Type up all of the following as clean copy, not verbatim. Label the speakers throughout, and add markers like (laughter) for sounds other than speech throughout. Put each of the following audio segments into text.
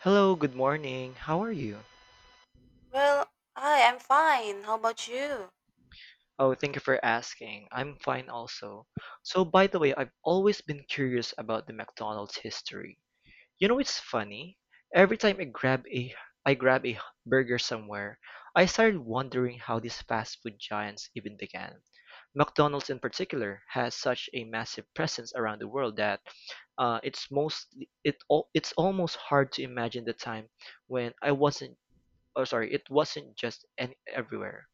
Speaker 1: Hello, good morning. How are you?
Speaker 2: Well, hi, I'm fine. How about you?
Speaker 1: Oh, thank you for asking. I'm fine also. So, by the way, I've always been curious about the McDonald's history. You know, it's funny. Every time I grab a burger somewhere, I started wondering how these fast food giants even began. McDonald's in particular has such a massive presence around the world that uh, it's most it's almost hard to imagine the time when I wasn't oh sorry, it wasn't just any, everywhere.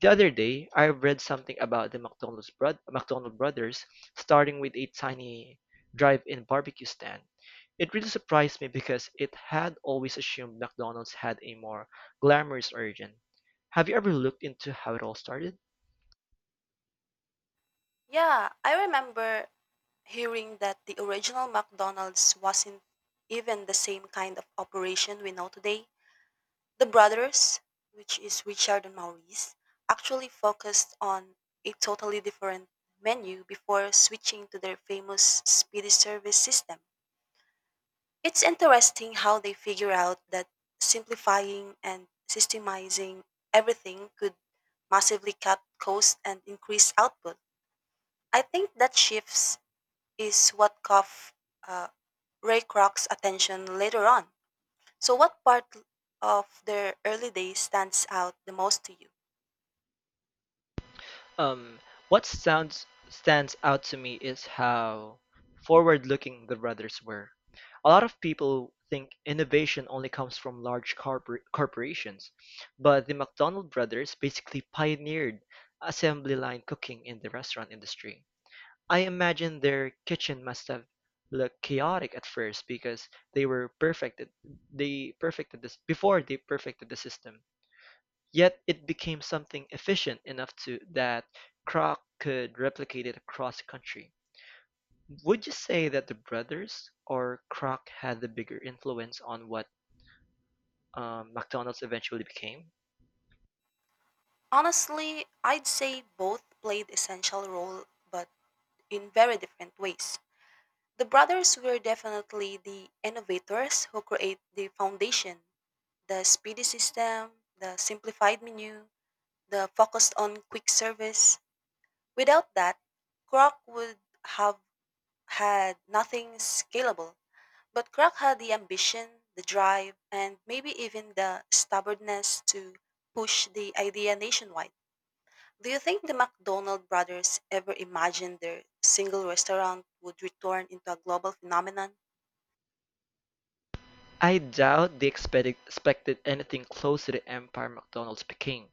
Speaker 1: The other day, I read something about the McDonald brothers starting with a tiny drive-in barbecue stand. It really surprised me because it had always assumed McDonald's had a more glamorous origin. Have you ever looked into how it all started?
Speaker 2: Yeah, I remember hearing that the original McDonald's wasn't even the same kind of operation we know today. The brothers, which is Richard and Maurice, actually focused on a totally different menu before switching to their famous speedy service system. It's interesting how they figure out that simplifying and systemizing everything could massively cut costs and increase output. I think that shifts is what caught uh, Ray Kroc's attention later on. So, what part of their early days stands out the most to you?
Speaker 1: Um, what sounds stands out to me is how forward-looking the brothers were. A lot of people think innovation only comes from large corpor corporations, but the McDonald brothers basically pioneered assembly line cooking in the restaurant industry. I imagine their kitchen must have looked chaotic at first because they were perfected they perfected this before they perfected the system. Yet it became something efficient enough to that Kroc could replicate it across the country. Would you say that the brothers or Kroc had the bigger influence on what McDonald's eventually became?
Speaker 2: Honestly, I'd say both played essential role, but in very different ways. The brothers were definitely the innovators who create the foundation, the speedy system, the simplified menu, the focus on quick service. Without that, Kroc would have had nothing scalable. But Kroc had the ambition, the drive, and maybe even the stubbornness to push the idea nationwide. Do you think the McDonald brothers ever imagined their single restaurant would return into a global phenomenon?
Speaker 1: I doubt they expected anything close to the empire McDonald's became.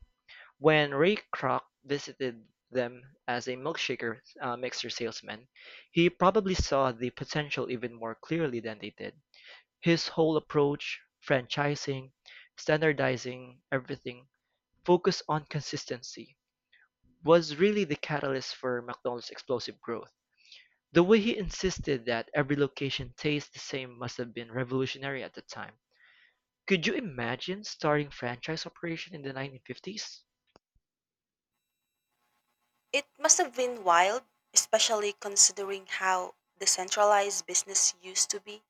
Speaker 1: When Ray Kroc visited them as a milkshaker mixer salesman, he probably saw the potential even more clearly than they did. His whole approach, franchising, standardizing everything, focus on consistency, was really the catalyst for McDonald's explosive growth. The way he insisted that every location tastes the same must have been revolutionary at the time. Could you imagine starting franchise operation in the 1950s?
Speaker 2: It must have been wild, especially considering how decentralized business used to be.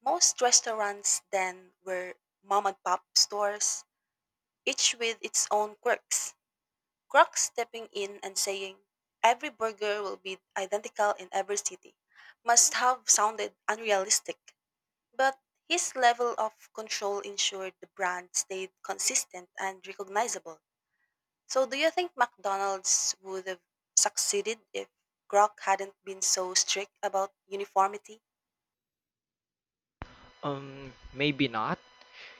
Speaker 2: Most restaurants then were mom and pop stores, each with its own quirks. Crocs stepping in and saying, every burger will be identical in every city, must have sounded unrealistic. But his level of control ensured the brand stayed consistent and recognizable. So, do you think McDonald's would have succeeded if Grok hadn't been so strict about uniformity?
Speaker 1: Maybe not.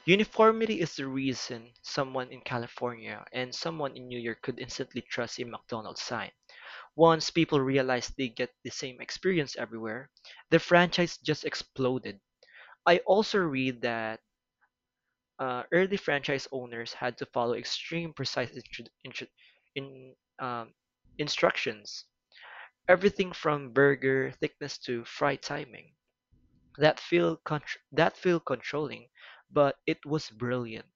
Speaker 1: Uniformity is the reason someone in California and someone in New York could instantly trust a McDonald's sign. Once people realized they get the same experience everywhere, the franchise just exploded. I also read that early franchise owners had to follow extreme precise in, um, instructions. Everything from burger thickness to fry timing. That feel controlling, but it was brilliant.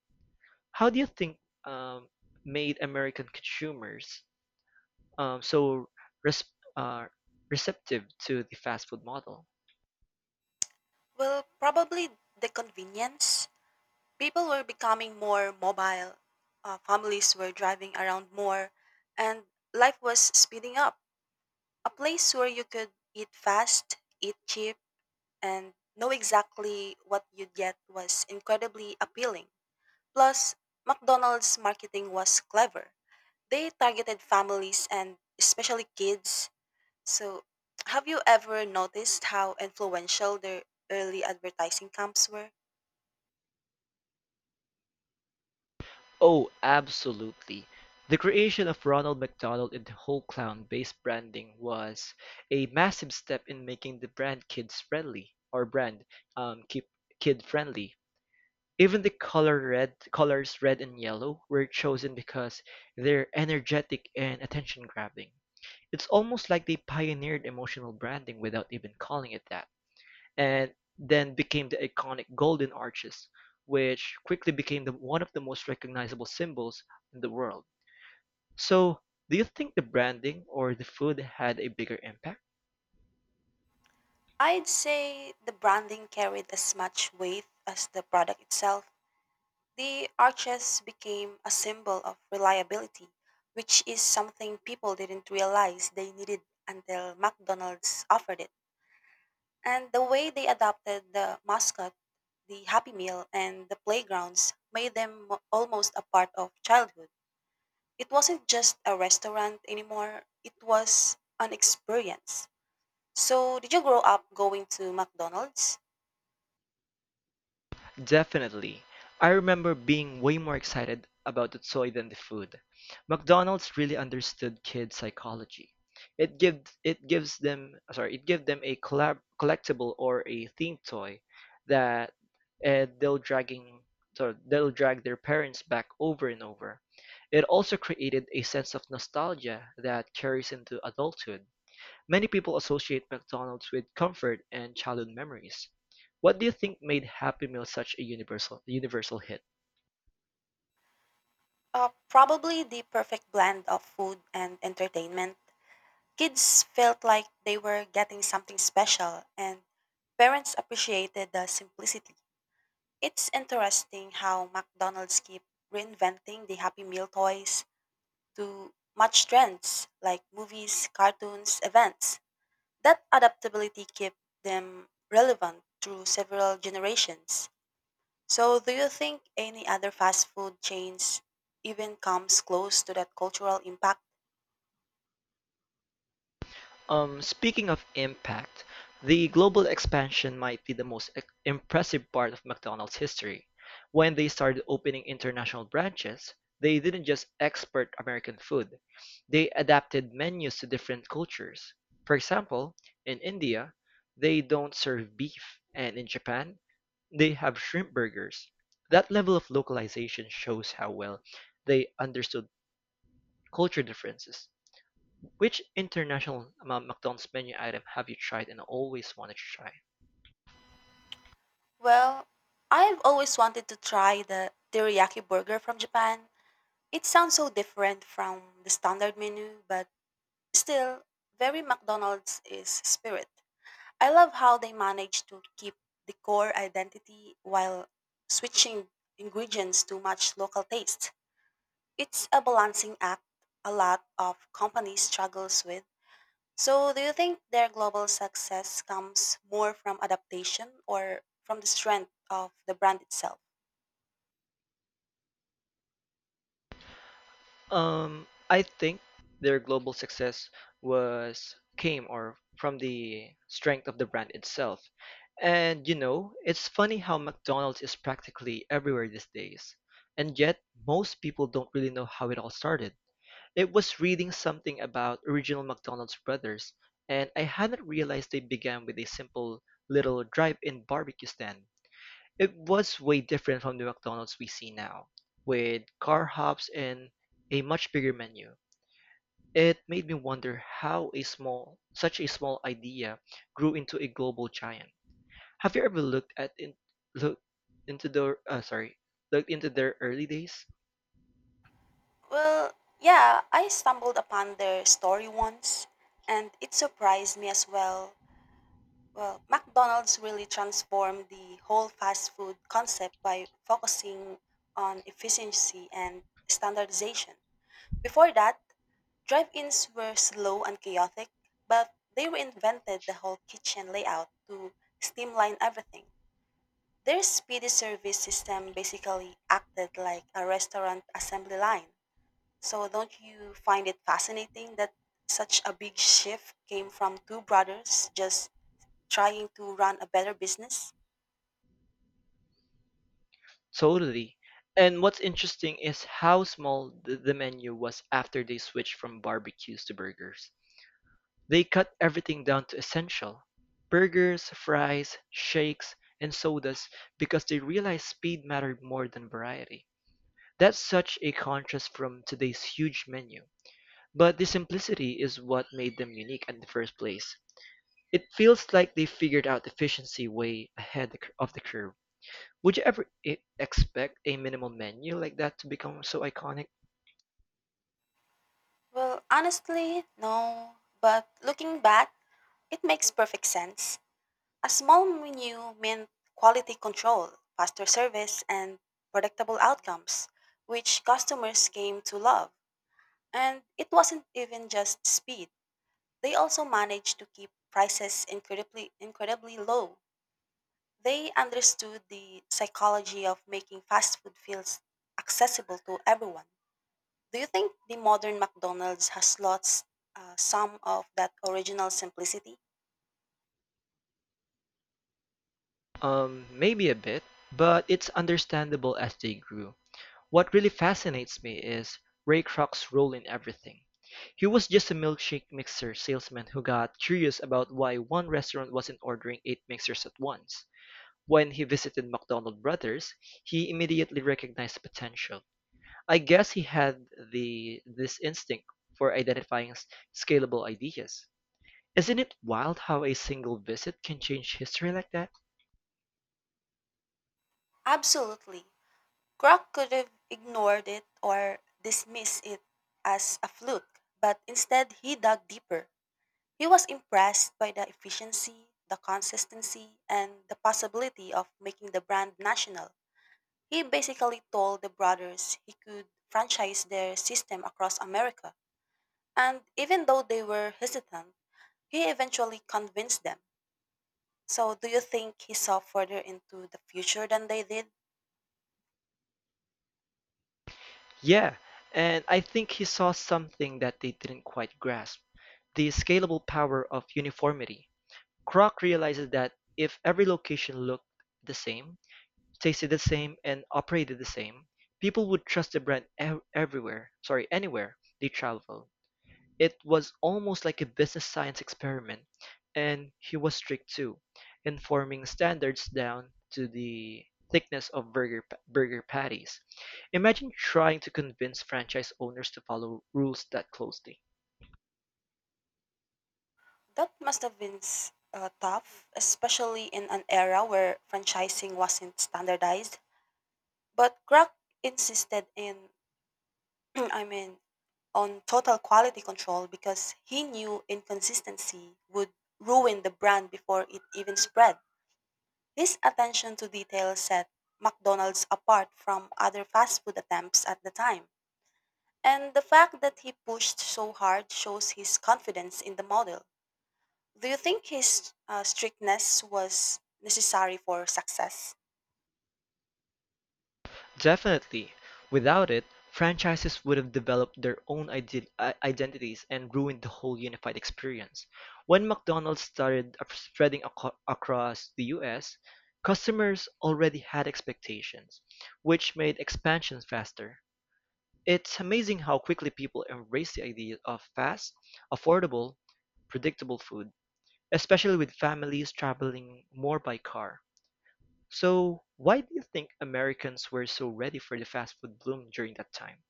Speaker 1: How do you think um, made American consumers so res- uh, receptive to the fast food model.
Speaker 2: Well, probably the convenience. People were becoming more mobile, families were driving around more, and life was speeding up. A place where you could eat fast, eat cheap, and know exactly what you'd get was incredibly appealing. Plus, McDonald's marketing was clever. They targeted families and especially kids. So, have you ever noticed how influential their early advertising camps were?
Speaker 1: Oh, absolutely. The creation of Ronald McDonald and the whole clown based branding was a massive step in making the brand kids friendly or brand keep kid friendly. Even the color red colors red and yellow were chosen because they're energetic and attention grabbing. It's almost like they pioneered emotional branding without even calling it that. And then became the iconic golden arches, which quickly became one of the most recognizable symbols in the world. So, do you think the branding or the food had a bigger impact?
Speaker 2: I'd say the branding carried as much weight as the product itself. The arches became a symbol of reliability, which is something people didn't realize they needed until McDonald's offered it. And the way they adopted the mascot, the Happy Meal, and the playgrounds made them almost a part of childhood. It wasn't just a restaurant anymore, it was an experience. So, did you grow up going to McDonald's?
Speaker 1: Definitely. I remember being way more excited about the toy than the food. McDonald's really understood kids' psychology. It give them a collectible or a themed toy that uh, they'll dragging they'll drag their parents back over and over. It also created a sense of nostalgia that carries into adulthood. Many people associate McDonald's with comfort and childhood memories. What do you think made Happy Meal such a universal hit?
Speaker 2: Probably the perfect blend of food and entertainment. Kids felt like they were getting something special, and parents appreciated the simplicity. It's interesting how McDonald's keep reinventing the Happy Meal toys to match trends like movies, cartoons, events. That adaptability kept them relevant through several generations. So, do you think any other fast food chains even comes close to that cultural impact?
Speaker 1: Speaking of impact, the global expansion might be the impressive part of McDonald's history. When they started opening international branches, they didn't just export American food. They adapted menus to different cultures. For example, in India, they don't serve beef, and in Japan, they have shrimp burgers. That level of localization shows how well they understood culture differences. Which McDonald's menu item have you tried and always wanted to try?
Speaker 2: Well, I've always wanted to try the teriyaki burger from Japan. It sounds so different from the standard menu, but still, very McDonald's is spirit. I love how they manage to keep the core identity while switching ingredients to match local taste. It's a balancing act a lot of companies struggles with. So, do you think their global success comes more from adaptation or from the strength of the brand itself?
Speaker 1: I think their global success was came or from the strength of the brand itself. And you know, it's funny how McDonald's is practically everywhere these days. And yet, most people don't really know how it all started. It was reading something about original McDonald's brothers, and I hadn't realized they began with a simple little drive-in barbecue stand. It was way different from the McDonald's we see now, with car hops and a much bigger menu. It made me wonder how such a small idea grew into a global giant. Have you ever looked at in, look into looked into their early days?
Speaker 2: Well, yeah, I stumbled upon their story once and it surprised me as well. Well, McDonald's really transformed the whole fast food concept by focusing on efficiency and standardization. Before that, drive ins were slow and chaotic, but they reinvented the whole kitchen layout to streamline everything. Their speedy service system basically acted like a restaurant assembly line. So, don't you find it fascinating that such a big shift came from two brothers just trying to run a better business?
Speaker 1: Totally. And what's interesting is how small the menu was after they switched from barbecues to burgers. They cut everything down to essential burgers, fries, shakes, and sodas because they realized speed mattered more than variety. That's such a contrast from today's huge menu. But the simplicity is what made them unique in the first place. It feels like they figured out efficiency way ahead of the curve. Would you ever e expect a minimal menu like that to become so iconic?
Speaker 2: Well, honestly, no. But looking back, it makes perfect sense. A small menu meant quality control, faster service, and predictable outcomes, which customers came to love. And it wasn't even just speed. They also managed to keep prices incredibly low. They understood the psychology of making fast food feels accessible to everyone. Do you think the modern McDonald's has lost some of that original simplicity?
Speaker 1: Maybe a bit, but it's understandable as they grew. What really fascinates me is Ray Kroc's role in everything. He was just a milkshake mixer salesman who got curious about why one restaurant wasn't ordering eight mixers at once. When he visited McDonald Brothers, he immediately recognized potential. I guess he had the this instinct for identifying scalable ideas. Isn't it wild how a single visit can change history like that?
Speaker 2: Absolutely. Kroc could have ignored it or dismissed it as a fluke, but instead he dug deeper. He was impressed by the efficiency, the consistency, and the possibility of making the brand national. He basically told the brothers he could franchise their system across America. And even though they were hesitant, he eventually convinced them. So, do you think he saw further into the future than they did?
Speaker 1: Yeah, and I think he saw something that they didn't quite grasp the scalable power of uniformity. Kroc realizes that if every location looked the same, tasted the same, and operated the same, people would trust the brand anywhere they travel. It was almost like a business science experiment, and he was strict too, enforming standards down to the thickness of burger patties. Imagine trying to convince franchise owners to follow rules that closely.
Speaker 2: That must have been tough, especially in an era where franchising wasn't standardized. But Grok insisted in, (clears throat) I mean, on total quality control because he knew inconsistency would ruin the brand before it even spread. This attention to detail set McDonald's apart from other fast food attempts at the time. And the fact that he pushed so hard shows his confidence in the model. Do you think his strictness was necessary for success?
Speaker 1: Definitely. Without it, franchises would have developed their own identities and ruined the whole unified experience. When McDonald's started across the US, customers already had expectations, which made expansion faster. It's amazing how quickly people embrace the idea of fast, affordable, predictable food, especially with families traveling more by car. So, why do you think Americans were so ready for the fast food bloom during that time?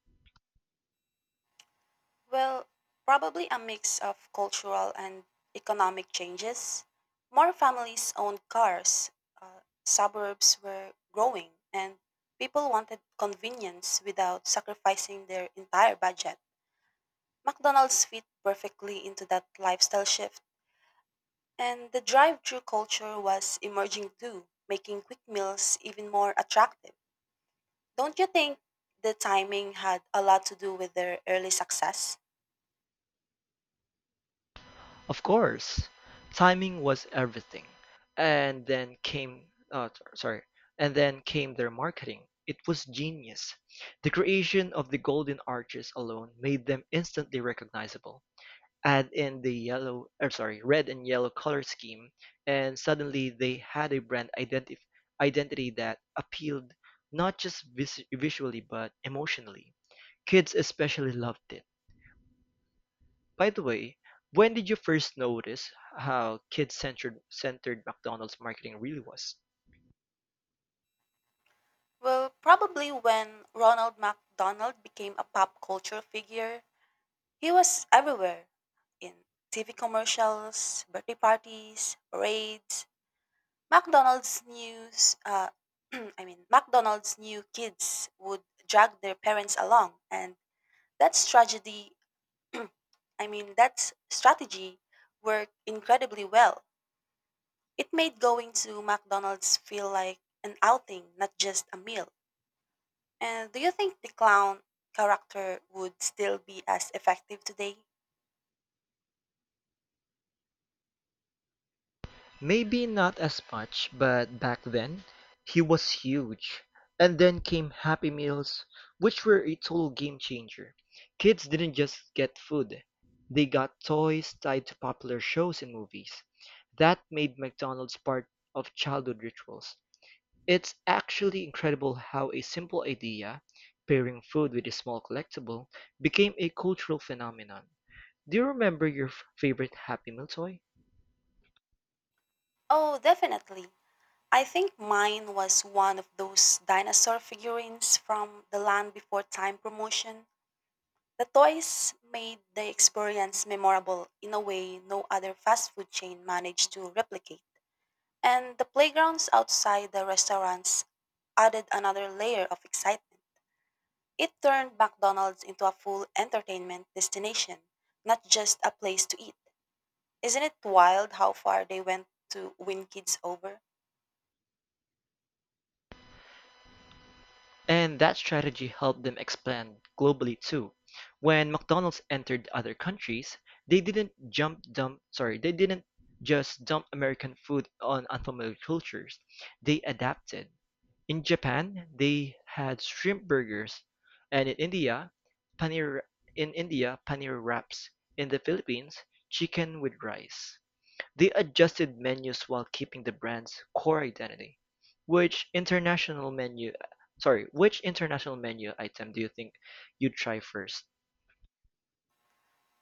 Speaker 2: Well, probably a mix of cultural and economic changes. More families owned cars, suburbs were growing, and people wanted convenience without sacrificing their entire budget. McDonald's fit perfectly into that lifestyle shift. And the drive-through culture was emerging too, making quick meals even more attractive. Don't you think the timing had a lot to do with their early success?
Speaker 1: Of course, timing was everything. And then came, uh, t- sorry, and then came their marketing. It was genius. The creation of the golden arches alone made them instantly recognizable. Add in the red and yellow color scheme, and suddenly they had a brand identity that appealed not just visually but emotionally. Kids especially loved it. By the way, when did you first notice how kid-centered centered McDonald's marketing really was?
Speaker 2: Well, probably when Ronald McDonald became a pop culture figure, he was everywhere in TV commercials, birthday parties, parades. McDonald's news, (clears throat) I mean, McDonald's new kids would drag their parents along, and that's tragedy (clears throat) I mean, that strategy worked incredibly well. It made going to McDonald's feel like an outing, not just a meal. And do you think the clown character would still be as effective today?
Speaker 1: Maybe not as much, but back then, he was huge. And then came Happy Meals, which were a total game changer. Kids didn't just get food, they got toys tied to popular shows and movies. That made McDonald's part of childhood rituals. It's actually incredible how a simple idea, pairing food with a small collectible, became a cultural phenomenon. Do you remember your favorite Happy Meal toy?
Speaker 2: Oh, definitely. I think mine was one of those dinosaur figurines from the Land Before Time promotion. The toys made the experience memorable in a way no other fast food chain managed to replicate. And the playgrounds outside the restaurants added another layer of excitement. It turned McDonald's into a full entertainment destination, not just a place to eat. Isn't it wild how far they went to win kids over?
Speaker 1: And that strategy helped them expand globally too. When McDonald's entered other countries, they didn't just dump American food on unfamiliar cultures. They adapted. In Japan, they had shrimp burgers, and paneer in India, paneer wraps. In the Philippines, chicken with rice. They adjusted menus while keeping the brand's core identity. Which international menu which international menu item do you think you'd try first?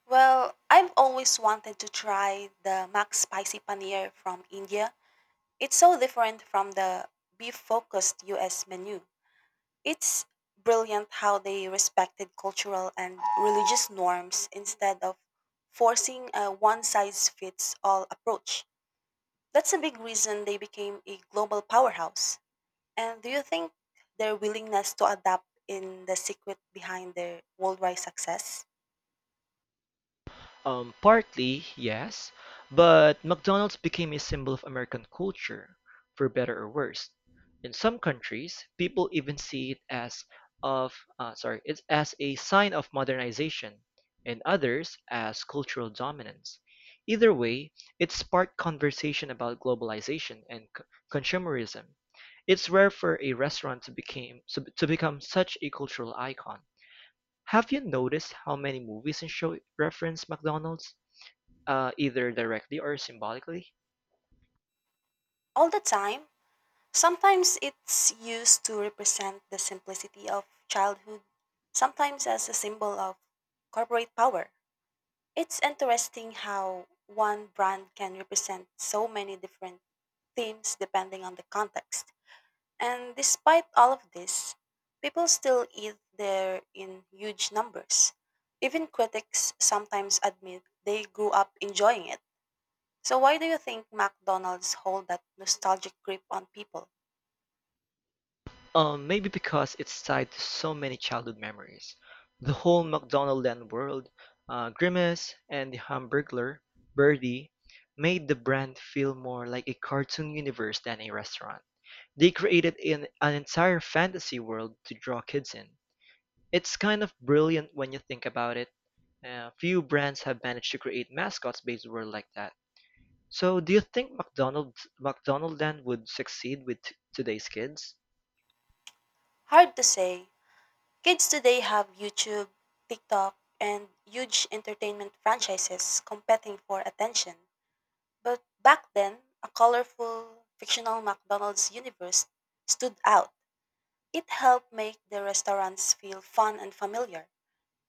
Speaker 2: Well, I've always wanted to try the Mac Spicy Paneer from India. It's so different from the beef focused US menu. It's brilliant how they respected cultural and religious norms instead of forcing a one size fits all approach. That's a big reason they became a global powerhouse. And do you think their willingness to adapt in the secret behind their worldwide success?
Speaker 1: Partly, yes, but McDonald's became a symbol of American culture, for better or worse. In some countries, people even see it as it's as a sign of modernization, and others as cultural dominance. Either way, it sparked conversation about globalization and consumerism. It's rare for a restaurant to become such a cultural icon. Have you noticed how many movies and shows reference McDonald's? Either directly or symbolically.
Speaker 2: All the time, sometimes it's used to represent the simplicity of childhood, sometimes as a symbol of corporate power. It's interesting how one brand can represent so many different themes depending on the context. And despite all of this, people still eat there in huge numbers. Even critics sometimes admit they grew up enjoying it. So why do you think McDonald's hold that nostalgic grip on people?
Speaker 1: Maybe because it's tied to so many childhood memories. The whole McDonaldland world, Grimace and the Hamburglar, Birdie, made the brand feel more like a cartoon universe than a restaurant. They created an entire fantasy world to draw kids in. It's kind of brilliant when you think about it. Few brands have managed to create mascots based world like that. So do you think McDonaldland would succeed with today's kids?
Speaker 2: Hard to say. Kids today have YouTube, TikTok, and huge entertainment franchises competing for attention. But back then, a colorful, fictional McDonald's universe stood out. It helped make the restaurants feel fun and familiar.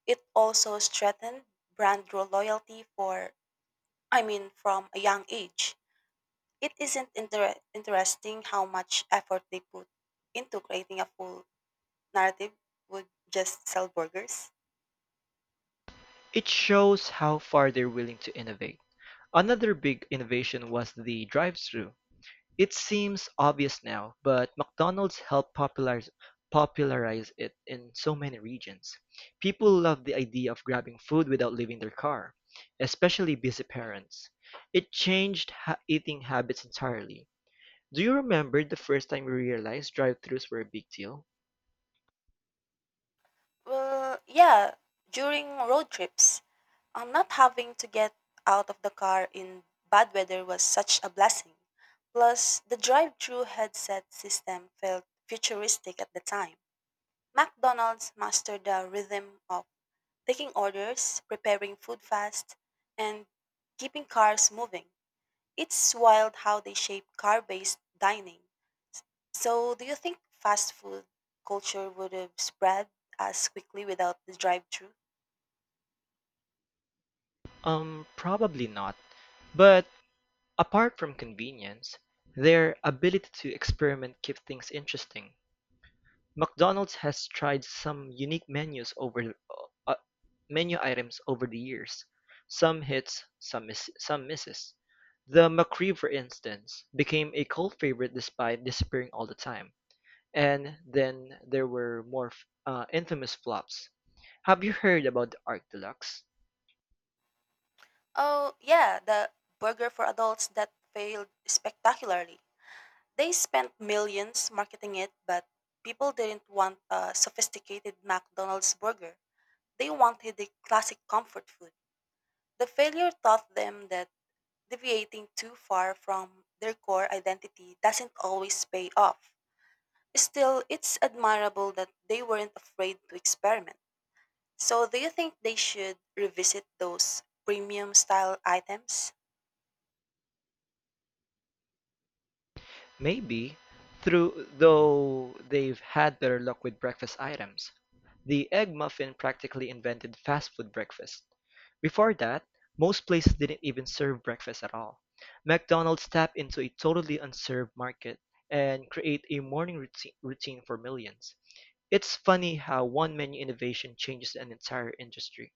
Speaker 2: It also strengthened brand loyalty for, I mean, from a young age. It isn't inter- interesting how much effort they put into creating a full narrative would just sell burgers.
Speaker 1: It shows how far they're willing to innovate. Another big innovation was the drive-through. It seems obvious now, but McDonald's helped popularize it in so many regions. People love the idea of grabbing food without leaving their car, especially busy parents. It changed eating habits entirely. Do you remember the first time you realized drive-throughs were a big deal?
Speaker 2: Well, yeah, during road trips, On not having to get out of the car in bad weather was such a blessing. Plus, the drive-through headset system felt futuristic at the time. McDonald's mastered the rhythm of taking orders, preparing food fast, and keeping cars moving. It's wild how they shape car-based dining. So, do you think fast food culture would have spread as quickly without the drive-through?
Speaker 1: Probably not. But apart from convenience, their ability to experiment keeps things interesting. McDonald's has tried some unique menus over menu items over the years. Some hits, some misses. The McRib, for instance, became a cult favorite despite disappearing all the time. And then there were more infamous flops. Have you heard about the Arc Deluxe?
Speaker 2: Oh, yeah, the burger for adults that failed spectacularly. They spent millions marketing it, but people didn't want a sophisticated McDonald's burger. They wanted the classic comfort food. The failure taught them that deviating too far from their core identity doesn't always pay off. Still, it's admirable that they weren't afraid to experiment. So, do you think they should revisit those premium style items?
Speaker 1: Maybe, through though they've had better luck with breakfast items. The egg muffin practically invented fast food breakfast. Before that, most places didn't even serve breakfast at all. McDonald's tapped into a totally unserved market and create a routine for millions. It's funny how one menu innovation changes an entire industry.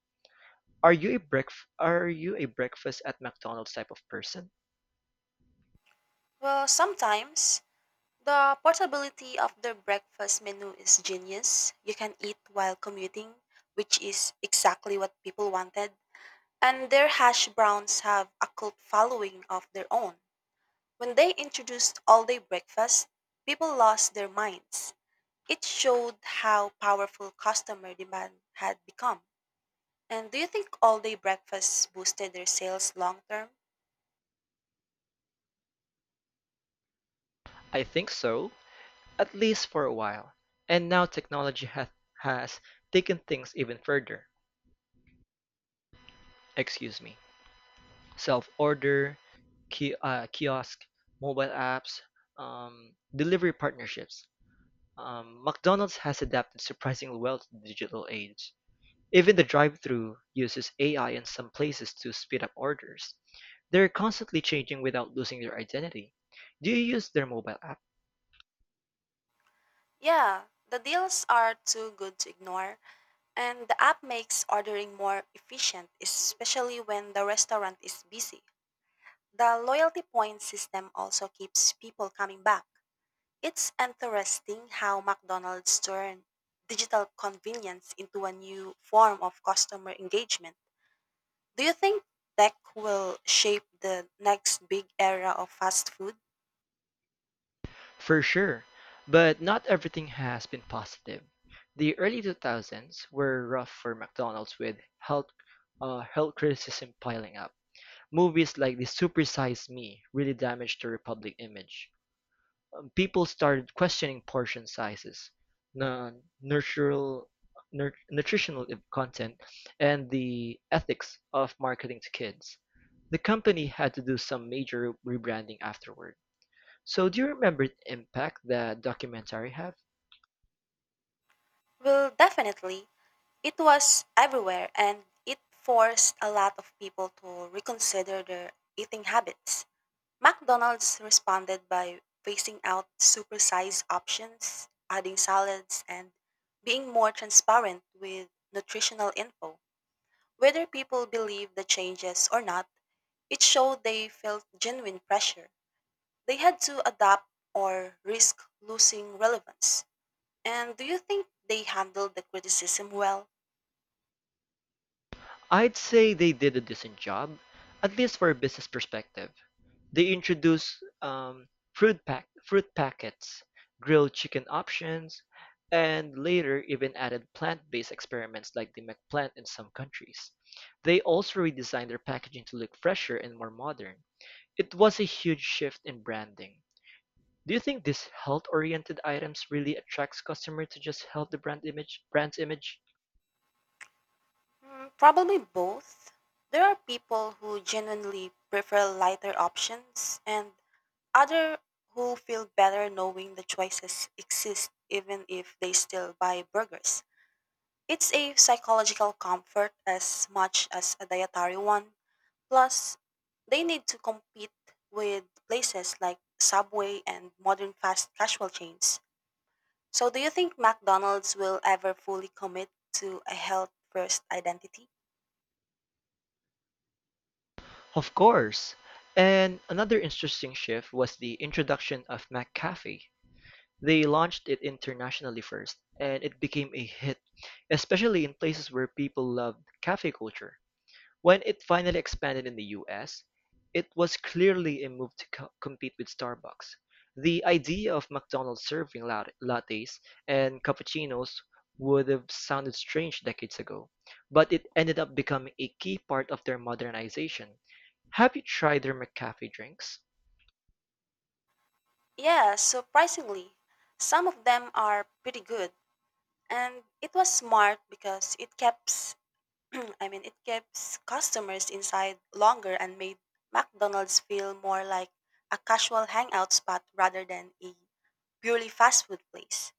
Speaker 1: Are you a breakf are you a breakfast at McDonald's type of person?
Speaker 2: Well, sometimes. The portability of the breakfast menu is genius. You can eat while commuting, which is exactly what people wanted. And their hash browns have a cult following of their own. When they introduced all day breakfast, people lost their minds. It showed how powerful customer demand had become. And do you think all day breakfast boosted their sales long term?
Speaker 1: I think so, at least for a while. And now technology ha has taken things even further. Excuse me. Self-order, ki kiosk, mobile apps, delivery partnerships. McDonald's has adapted surprisingly well to the digital age. Even the drive-through uses AI in some places to speed up orders. They're constantly changing without losing their identity. Do you use their mobile app?
Speaker 2: Yeah, the deals are too good to ignore. And the app makes ordering more efficient, especially when the restaurant is busy. The loyalty point system also keeps people coming back. It's interesting how McDonald's turned digital convenience into a new form of customer engagement. Do you think tech will shape the next big era of fast food?
Speaker 1: For sure, but not everything has been positive. The early 2000s were rough for McDonald's with health criticism piling up. Movies like The Super Size Me really damaged the Republic image. People started questioning portion sizes, nu- nutritional nutritional content, and the ethics of marketing to kids. The company had to do some major rebranding afterward. So, do you remember the impact that documentary had?
Speaker 2: Well, definitely. It was everywhere and it forced a lot of people to reconsider their eating habits. McDonald's responded by phasing out supersized options, adding salads, and being more transparent with nutritional info. Whether people believe the changes or not, it showed they felt genuine pressure. They had to adapt or risk losing relevance. And do you think they handled the criticism well?
Speaker 1: I'd say they did a decent job, at least for a business perspective. They introduced um, fruit packets, grilled chicken options, and later even added plant-based experiments like the McPlant in some countries. They also redesigned their packaging to look fresher and more modern. It was a huge shift in branding. Do you think these health-oriented items really attracts customers to just help the brand's image?
Speaker 2: Hmm, probably both. There are people who genuinely prefer lighter options, and other who feel better knowing the choices exist even if they still buy burgers. It's a psychological comfort as much as a dietary one. Plus, they need to compete with places like Subway and modern fast casual chains. So, do you think McDonald's will ever fully commit to a health first identity?
Speaker 1: Of course. And another interesting shift was the introduction of McCafe. They launched it internationally first, and it became a hit, especially in places where people loved cafe culture. When it finally expanded in the US, it was clearly a move to compete with Starbucks. The idea of McDonald's serving lattes and cappuccinos would have sounded strange decades ago, but it ended up becoming a key part of their modernization. Have you tried their McCafe drinks?
Speaker 2: Yeah, surprisingly, some of them are pretty good. And it was smart because it kept (clears throat) I mean, it keeps customers inside longer and made McDonald's feel more like a casual hangout spot rather than a purely fast food place.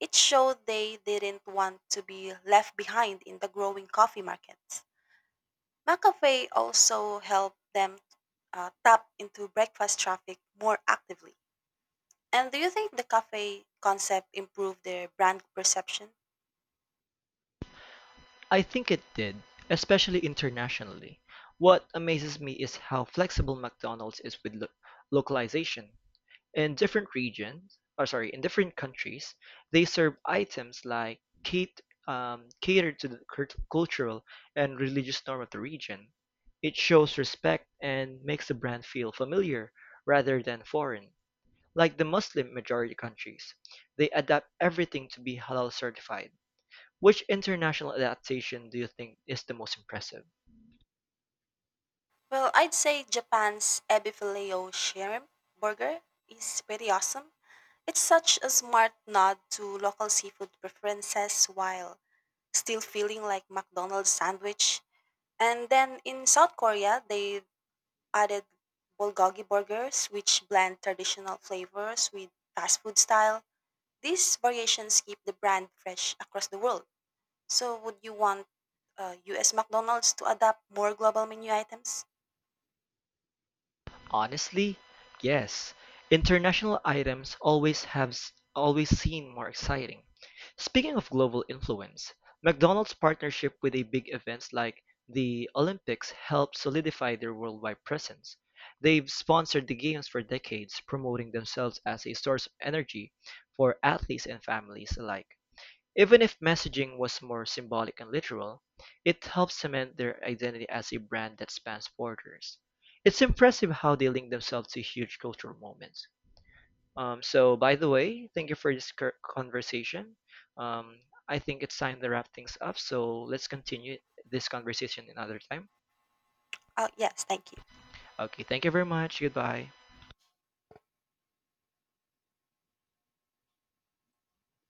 Speaker 2: It showed they didn't want to be left behind in the growing coffee markets. McCafe also helped them tap into breakfast traffic more actively. And do you think the cafe concept improved their brand perception?
Speaker 1: I think it did, especially internationally. What amazes me is how flexible McDonald's is with localization. In different in different countries, they serve items like catered to the cultural and religious norm of the region. It shows respect and makes the brand feel familiar rather than foreign. Like the Muslim majority countries, they adapt everything to be halal certified. Which international adaptation do you think is the most impressive?
Speaker 2: Well, I'd say Japan's ebifilet shrimp burger is pretty awesome. It's such a smart nod to local seafood preferences while still feeling like McDonald's sandwich. And then in South Korea, they added bulgogi burgers, which blend traditional flavors with fast food style. These variations keep the brand fresh across the world. So, would you want US McDonald's to adapt more global menu items?
Speaker 1: Honestly, yes. International items always always seem more exciting. Speaking of global influence, McDonald's partnership with a big events like the Olympics helped solidify their worldwide presence. They've sponsored the games for decades, promoting themselves as a source of energy for athletes and families alike. Even if messaging was more symbolic and literal, it helped cement their identity as a brand that spans borders. It's impressive how they link themselves to huge cultural moments. So, by the way, thank you for this conversation. Um, I think it's time to wrap things up, so let's continue this conversation another time.
Speaker 2: Yes, thank you.
Speaker 1: Okay, thank you very much. Goodbye.